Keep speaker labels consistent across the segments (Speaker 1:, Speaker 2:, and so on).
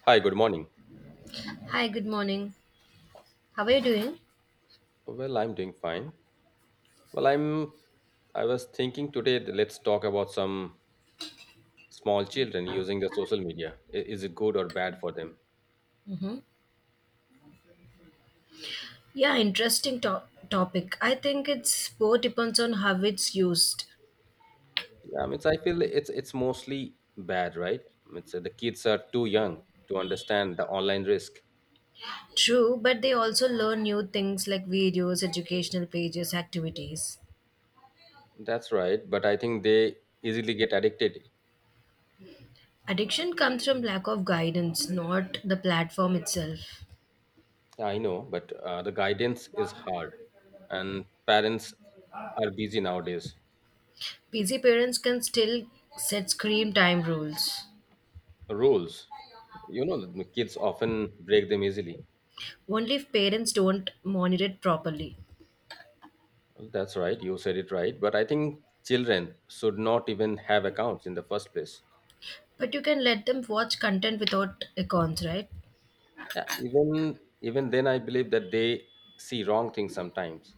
Speaker 1: Hi, good morning.
Speaker 2: Hi, good morning. How are you doing?
Speaker 1: Well, I'm doing fine. Well, I'm I was thinking today that let's talk about some small children using the social media. I- Is it good or bad for them?
Speaker 2: Hmm. Yeah, topic. I think it's both depends on how it's used.
Speaker 1: Yeah, I mean, so I feel it's mostly bad, right? I mean, so the kids are too young to understand the online risk.
Speaker 2: True, but they also learn new things like videos, educational pages, activities.
Speaker 1: That's right, but I think they easily get addicted.
Speaker 2: Addiction comes from lack of guidance, not the platform itself.
Speaker 1: Yeah, I know, but the guidance is hard, and parents are busy nowadays.
Speaker 2: Busy parents can still set screen time rules,
Speaker 1: Rules, you know, the kids often break them easily.
Speaker 2: only if parents don't monitor it properly.
Speaker 1: Well, that's right. You said it right. But I think children should not even have accounts in the first place.
Speaker 2: But you can let them watch content without accounts, right?
Speaker 1: Yeah, even then, I believe that they see wrong things sometimes.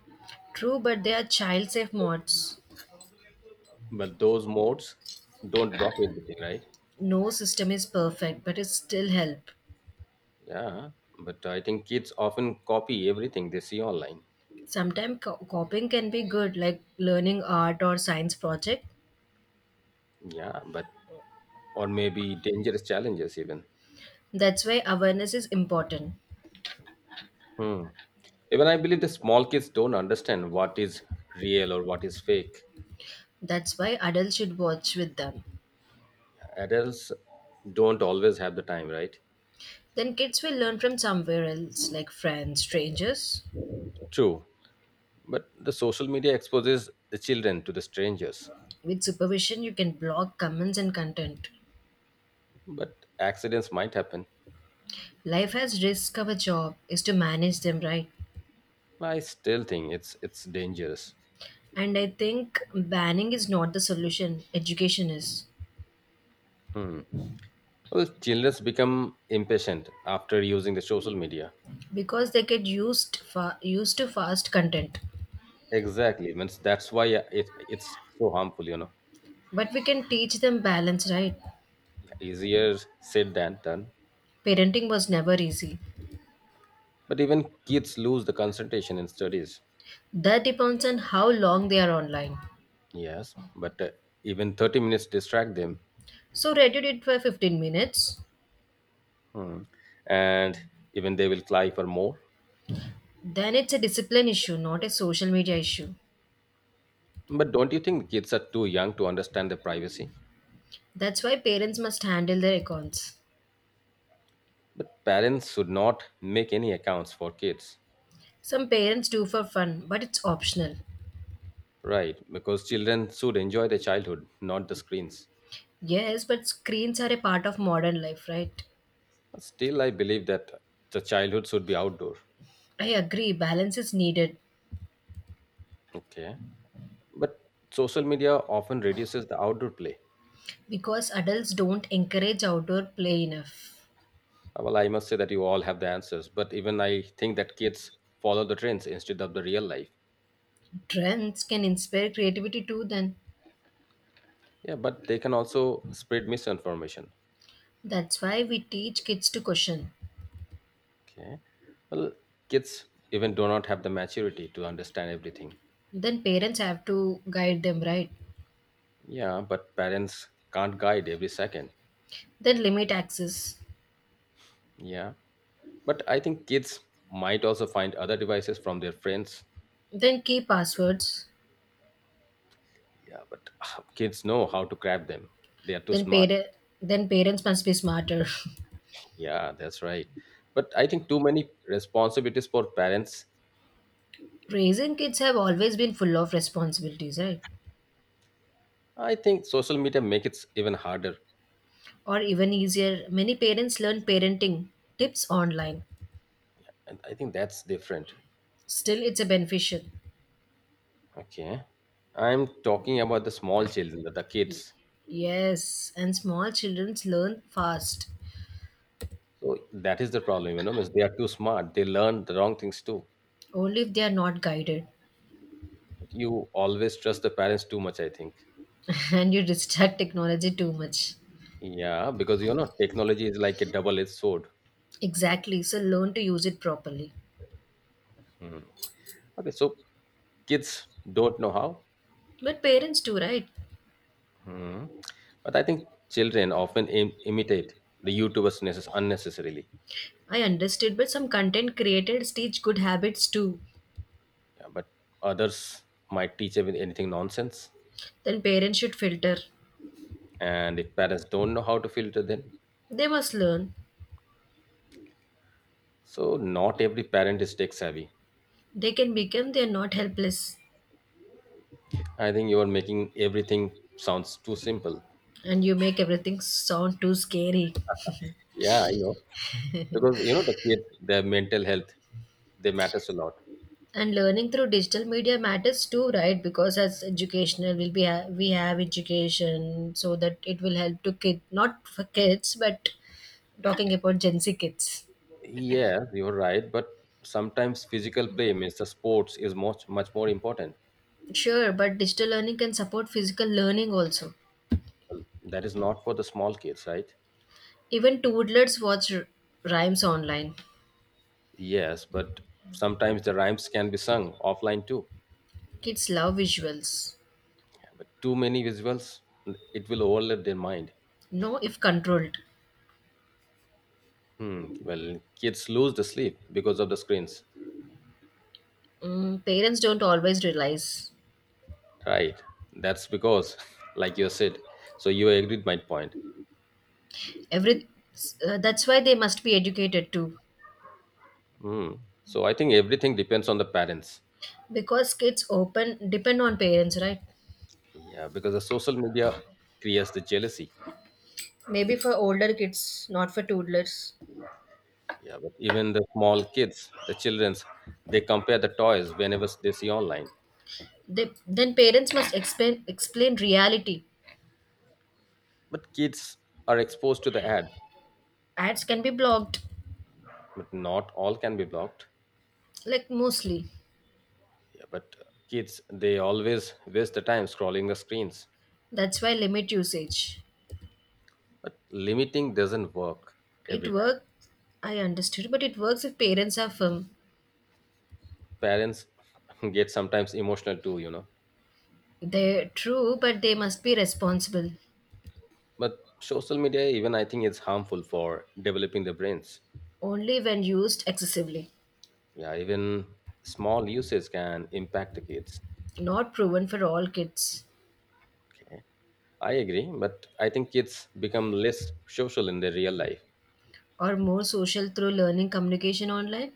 Speaker 2: True, but they are child safe mods.
Speaker 1: But those modes don't block everything, right?
Speaker 2: No system is perfect, but it still help.
Speaker 1: Yeah. But I think kids often copy everything they see online.
Speaker 2: Sometimes copying can be good, like learning art or science project.
Speaker 1: Yeah. But Or maybe dangerous challenges even.
Speaker 2: That's why awareness is important.
Speaker 1: Hmm. Even I believe the small kids don't understand what is real or what is fake.
Speaker 2: That's why adults should watch with them.
Speaker 1: Adults don't always have the time, right?
Speaker 2: Then kids will learn from somewhere else, like friends, strangers.
Speaker 1: True. But the social media exposes the children to the strangers.
Speaker 2: With supervision you can block comments and content.
Speaker 1: But accidents might happen.
Speaker 2: Life has risk, our job is to manage them, right?
Speaker 1: I still think it's dangerous.
Speaker 2: And I think banning is not the solution, education is.
Speaker 1: Hmm. Well, children become impatient after using the social media.
Speaker 2: Because they get used to fast content.
Speaker 1: Exactly. Means that's why it's so harmful.
Speaker 2: But we can teach them balance, right?
Speaker 1: Easier said than done.
Speaker 2: Parenting was never easy.
Speaker 1: But even kids lose the concentration in studies.
Speaker 2: That depends on how long they are online.
Speaker 1: Yes, but even 30 minutes distract them.
Speaker 2: So Reddit it for 15 minutes.
Speaker 1: Hmm. And even they will cry for more.
Speaker 2: Then it's a discipline issue, not a social media issue.
Speaker 1: But don't you think kids are too young to understand their privacy?
Speaker 2: That's why parents must handle their accounts.
Speaker 1: But parents should not make any accounts for kids.
Speaker 2: Some parents do for fun, but it's optional.
Speaker 1: Right, because children should enjoy their childhood, not the screens.
Speaker 2: Yes, but screens are a part of modern life, right?
Speaker 1: Still, I believe that the childhood should be outdoor.
Speaker 2: I agree, balance is needed,
Speaker 1: Okay. But social media often reduces the outdoor play.
Speaker 2: because adults don't encourage outdoor play enough.
Speaker 1: Well, I must say that you all have the answers, but even I think that kids follow the trends instead of the real life.
Speaker 2: Trends can inspire creativity too, then.
Speaker 1: Yeah, but they can also spread misinformation.
Speaker 2: That's why we teach kids to question.
Speaker 1: Okay. Well, kids even do not have the maturity to understand everything.
Speaker 2: Then parents have to guide them, right?
Speaker 1: Yeah, but parents can't guide every second.
Speaker 2: Then limit access.
Speaker 1: Yeah. But I think kids might also find other devices from their friends.
Speaker 2: Then key passwords.
Speaker 1: Yeah, but kids know how to grab them. They are too
Speaker 2: Then
Speaker 1: smart.
Speaker 2: parent then parents must be smarter.
Speaker 1: Yeah, that's right. But I think too many responsibilities for parents.
Speaker 2: Raising kids have always been full of responsibilities, right?
Speaker 1: I think social media make it even harder.
Speaker 2: Or even easier, many parents learn parenting tips online.
Speaker 1: And I think that's different.
Speaker 2: Still it's a beneficial.
Speaker 1: Okay. I'm talking about the small children, the kids.
Speaker 2: Yes, and small children learn fast.
Speaker 1: So that is the problem, you know, is they are too smart. They learn the wrong things too.
Speaker 2: Only if they are not guided.
Speaker 1: You always trust the parents too much, I think.
Speaker 2: And you distract technology too much.
Speaker 1: Yeah, because you know, technology is like a double-edged sword.
Speaker 2: Exactly. So learn to use it properly.
Speaker 1: Hmm. Okay, so kids don't know how.
Speaker 2: But parents too, right?
Speaker 1: Hmm. But I think children often Im- imitate the YouTubers necess- unnecessarily.
Speaker 2: I understood, but some content creators teach good habits too.
Speaker 1: Yeah, but others might teach them anything nonsense.
Speaker 2: Then parents should filter.
Speaker 1: And if parents don't know how to filter them,
Speaker 2: They must learn.
Speaker 1: so not every parent is tech savvy.
Speaker 2: They can become, they are not helpless.
Speaker 1: I think you are making everything sounds too simple.
Speaker 2: And you make everything sound too scary.
Speaker 1: Yeah, I know. Because you know the kids, their mental health, they matters a lot.
Speaker 2: And learning through digital media matters too, right? Because as educational, we have education so that it will help to kid, not for kids, but talking about Gen Z kids.
Speaker 1: Yes, you're right, but sometimes physical play, means the sports, is much much more important.
Speaker 2: Sure, but digital learning can support physical learning also.
Speaker 1: That is not for the small kids, right?
Speaker 2: Even toddlers watch rhymes online.
Speaker 1: Yes, but sometimes the rhymes can be sung offline too.
Speaker 2: Kids love visuals.
Speaker 1: But too many visuals, it will overload their mind.
Speaker 2: No, if controlled.
Speaker 1: Hmm. Well, kids lose the sleep because of the screens.
Speaker 2: Parents don't always realize.
Speaker 1: Right. That's because, like you said, so you agreed my point.
Speaker 2: Every That's why they must be educated too,
Speaker 1: Hmm. So I think everything depends on the parents.
Speaker 2: because kids open depend on parents, right?
Speaker 1: Yeah, because the social media creates the jealousy.
Speaker 2: Maybe for older kids, not for toddlers.
Speaker 1: Yeah, but even the small kids, the childrens, they compare the toys whenever they see online.
Speaker 2: Then parents must explain reality.
Speaker 1: But kids are exposed to the ad,
Speaker 2: Ads can be blocked,
Speaker 1: but not all can be blocked.
Speaker 2: like mostly.
Speaker 1: Yeah, but kids, they always waste the time scrolling the screens.
Speaker 2: That's why limit usage.
Speaker 1: But limiting doesn't work
Speaker 2: It
Speaker 1: every time.
Speaker 2: works. I understood, but it works if parents are firm.
Speaker 1: Parents get sometimes emotional too, you know.
Speaker 2: They True, but they must be responsible
Speaker 1: But social media, even I think it's harmful for developing the brains.
Speaker 2: only when used excessively.
Speaker 1: Yeah, even small usage can impact the kids.
Speaker 2: Not proven for all kids,
Speaker 1: Okay. I agree, but I think kids become less social in their real life.
Speaker 2: or more social through learning communication online,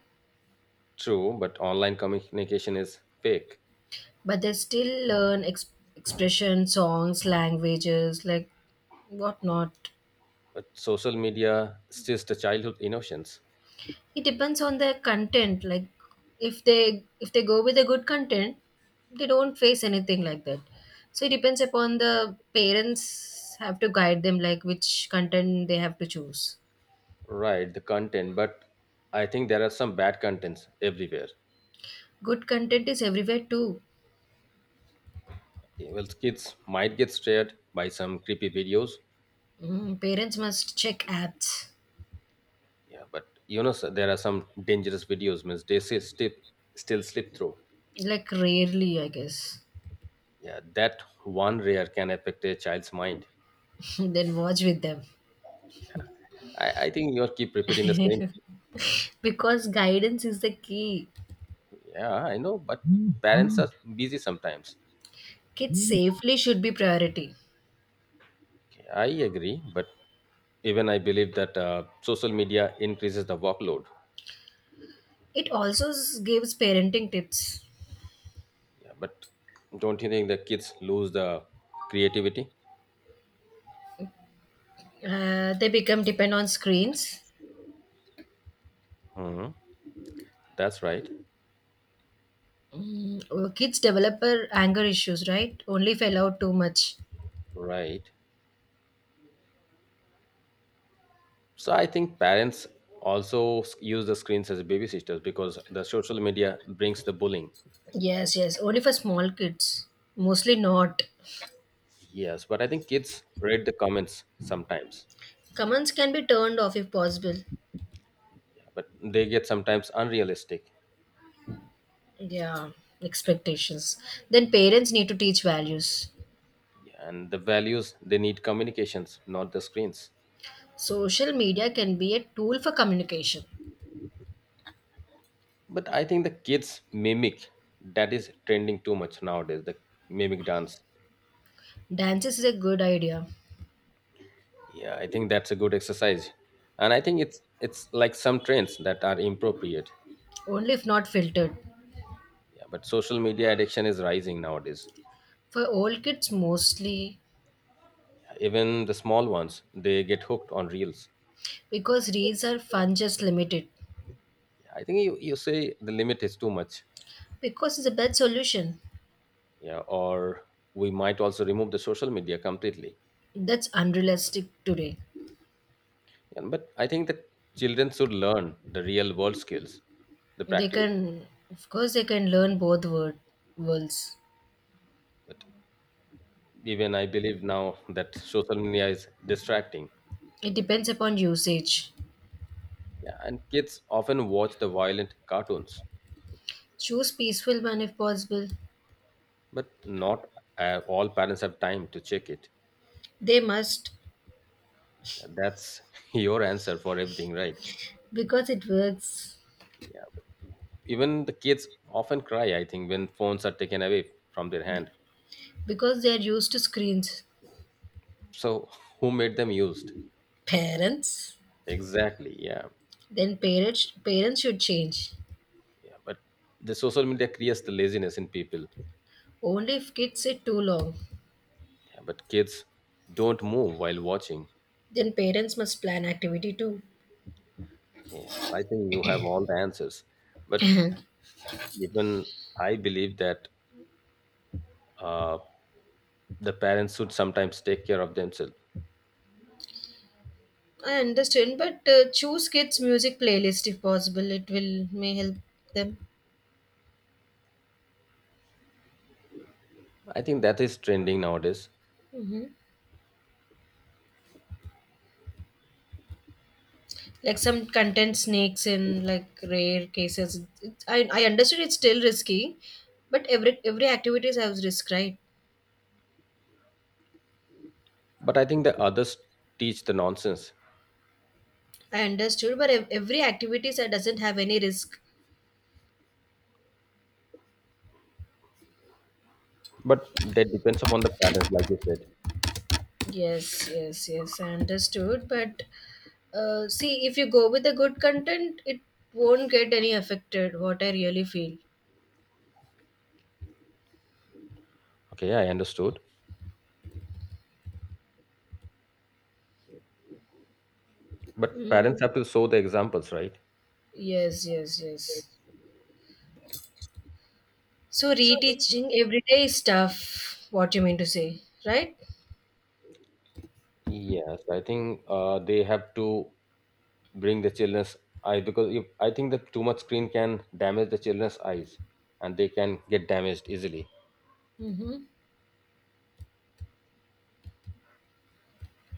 Speaker 1: True, but online communication is fake.
Speaker 2: but they still learn expression, songs, languages, like whatnot.
Speaker 1: But social media steals the childhood innocence.
Speaker 2: It depends on their content. Like if they go with a good content, they don't face anything like that. So it depends upon the parents have to guide them, like which content they have to choose.
Speaker 1: Right, the content, but I think there are some bad contents everywhere.
Speaker 2: Good content is everywhere too.
Speaker 1: Okay, well, kids might get scared by some creepy videos.
Speaker 2: Parents must check apps.
Speaker 1: Yeah, but you know, sir, there are some dangerous videos, means they say slip, still slip through.
Speaker 2: Like rarely, I guess.
Speaker 1: Yeah, that one rare can affect a child's mind.
Speaker 2: Then watch with them.
Speaker 1: I think you keep repeating the same.
Speaker 2: Because guidance is the key.
Speaker 1: Yeah, I know, but parents are busy sometimes.
Speaker 2: Kids
Speaker 1: Okay,
Speaker 2: safely should be priority.
Speaker 1: I agree, but even I believe that social media increases the workload.
Speaker 2: It also gives parenting tips.
Speaker 1: Yeah, but don't you think the kids lose the creativity?
Speaker 2: They become depend on screens.
Speaker 1: Hmm. That's right.
Speaker 2: Oh, kids develop anger issues, right? Only if allowed too much.
Speaker 1: Right. So I think parents also s- use the screens as babysitters because the social media brings the bullying.
Speaker 2: Yes, yes. Only for small kids. Mostly not.
Speaker 1: Yes, but I think kids read the comments sometimes,
Speaker 2: Commands can be turned off if possible.
Speaker 1: but they get sometimes unrealistic.
Speaker 2: Yeah, expectations. Then parents need to teach values.
Speaker 1: Yeah, and the values they need communications, not the screens.
Speaker 2: Social media can be a tool for communication.
Speaker 1: But I think the kids mimic that is trending too much nowadays. The mimic dance.
Speaker 2: Dances is a good idea,
Speaker 1: Yeah, I think that's a good exercise, and I think it's like some trends that are inappropriate.
Speaker 2: only if not filtered.
Speaker 1: Yeah, but social media addiction is rising nowadays.
Speaker 2: For old kids mostly,
Speaker 1: Even the small ones they get hooked on reels.
Speaker 2: because reels are fun, just limited.
Speaker 1: Yeah, I think you say the limit is too much.
Speaker 2: Because it's a bad solution.
Speaker 1: Yeah, or we might also remove the social media completely.
Speaker 2: That's unrealistic today.
Speaker 1: Yeah, but I think that children should learn the real world skills, the
Speaker 2: They
Speaker 1: practical.
Speaker 2: can, of course, they can learn worlds.
Speaker 1: But even I believe now that social media is distracting.
Speaker 2: It depends upon usage.
Speaker 1: Yeah, and kids often watch the violent cartoons,
Speaker 2: Choose peaceful one if possible.
Speaker 1: but not all parents have time to check it.
Speaker 2: They must,
Speaker 1: Yeah, that's your answer for everything, right?
Speaker 2: because it works,
Speaker 1: Yeah, but even the kids often cry. I think when phones are taken away from their hand.
Speaker 2: because they are used to screens.
Speaker 1: So who made them used?
Speaker 2: Parents?
Speaker 1: Exactly. Yeah,
Speaker 2: Then parents should change.
Speaker 1: yeah. But the social media creates the laziness in people.
Speaker 2: Only if kids sit too long,
Speaker 1: Yeah, but kids don't move while watching.
Speaker 2: then parents must plan activity too.
Speaker 1: Yeah, well, I think you have all the answers. But
Speaker 2: I
Speaker 1: even I believe that uh, the parents should sometimes take care of themselves.
Speaker 2: understand, but choose kids' music playlist if possible. It will may help them.
Speaker 1: I think that is trending nowadays.
Speaker 2: Hmm. Like some content sneaks in, like rare cases. I understood it's still risky, but every activities has risk, right?
Speaker 1: But I think the others teach the nonsense.
Speaker 2: I understood, but every activities that doesn't have any risk.
Speaker 1: But that depends upon the parents, like you said.
Speaker 2: Yes, yes, yes, I understood. But see, if you go with the good content, it won't get any affected, what I really feel.
Speaker 1: Okay, I understood. But
Speaker 2: Mm.
Speaker 1: parents have to show the examples, right?
Speaker 2: Yes, yes, yes. So,
Speaker 1: So
Speaker 2: reteaching every day is tough, what you mean to say, right?
Speaker 1: yes, I think they have to bring the children's eye because if, I think that too much screen can damage the children's eyes and they can get damaged easily.
Speaker 2: Mm-hmm.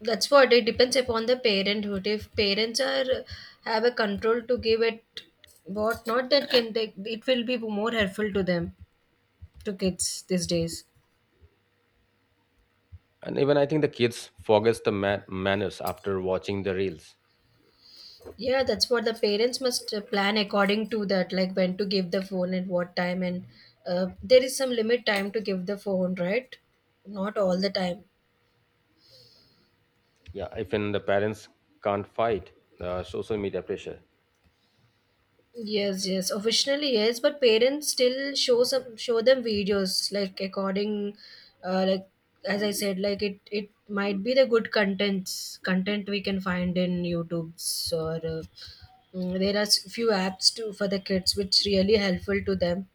Speaker 2: That's what it depends upon the parenthood. If parents are have a control to give it what not, that can they, it will be more helpful to them, to kids these days.
Speaker 1: And even I think the kids forgets the ma- manners after watching the reels.
Speaker 2: Yeah, that's what the parents must plan according to that, like when to give the phone and what time, and there is some limit time to give the phone, right? Not all the time.
Speaker 1: Yeah, even the parents can't fight the social media pressure.
Speaker 2: Yes, yes, officially yes, but parents still show them videos like according, like as I said, like it might be the good content we can find in YouTube's or there are few apps too for the kids which really helpful to them.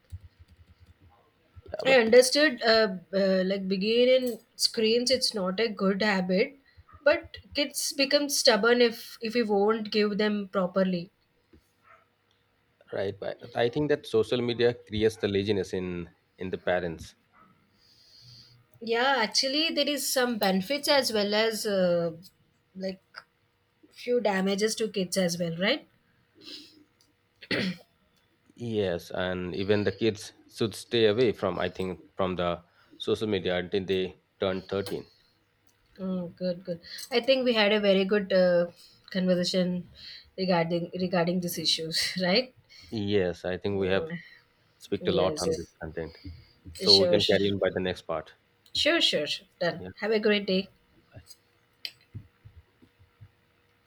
Speaker 1: Yeah,
Speaker 2: I
Speaker 1: but
Speaker 2: understood. Like being in screens, it's not a good habit, but kids become stubborn if we won't give them properly.
Speaker 1: right, but I think that social media creates the laziness in the parents.
Speaker 2: Yeah, actually, there is some benefits as well as like few damages to kids as well, right?
Speaker 1: Yes, and even the kids should stay away from I think from the social media until they turn 13.
Speaker 2: Oh, good, good. I think we had a very good conversation regarding these issues, right?
Speaker 1: Yes, I think we have
Speaker 2: Mm,
Speaker 1: speak a lot on
Speaker 2: yes,
Speaker 1: this
Speaker 2: yes.
Speaker 1: content. So we
Speaker 2: Sure,
Speaker 1: can
Speaker 2: sure,
Speaker 1: carry on by the next part.
Speaker 2: sure, sure, sure. Done.
Speaker 1: Yeah.
Speaker 2: Have a great day.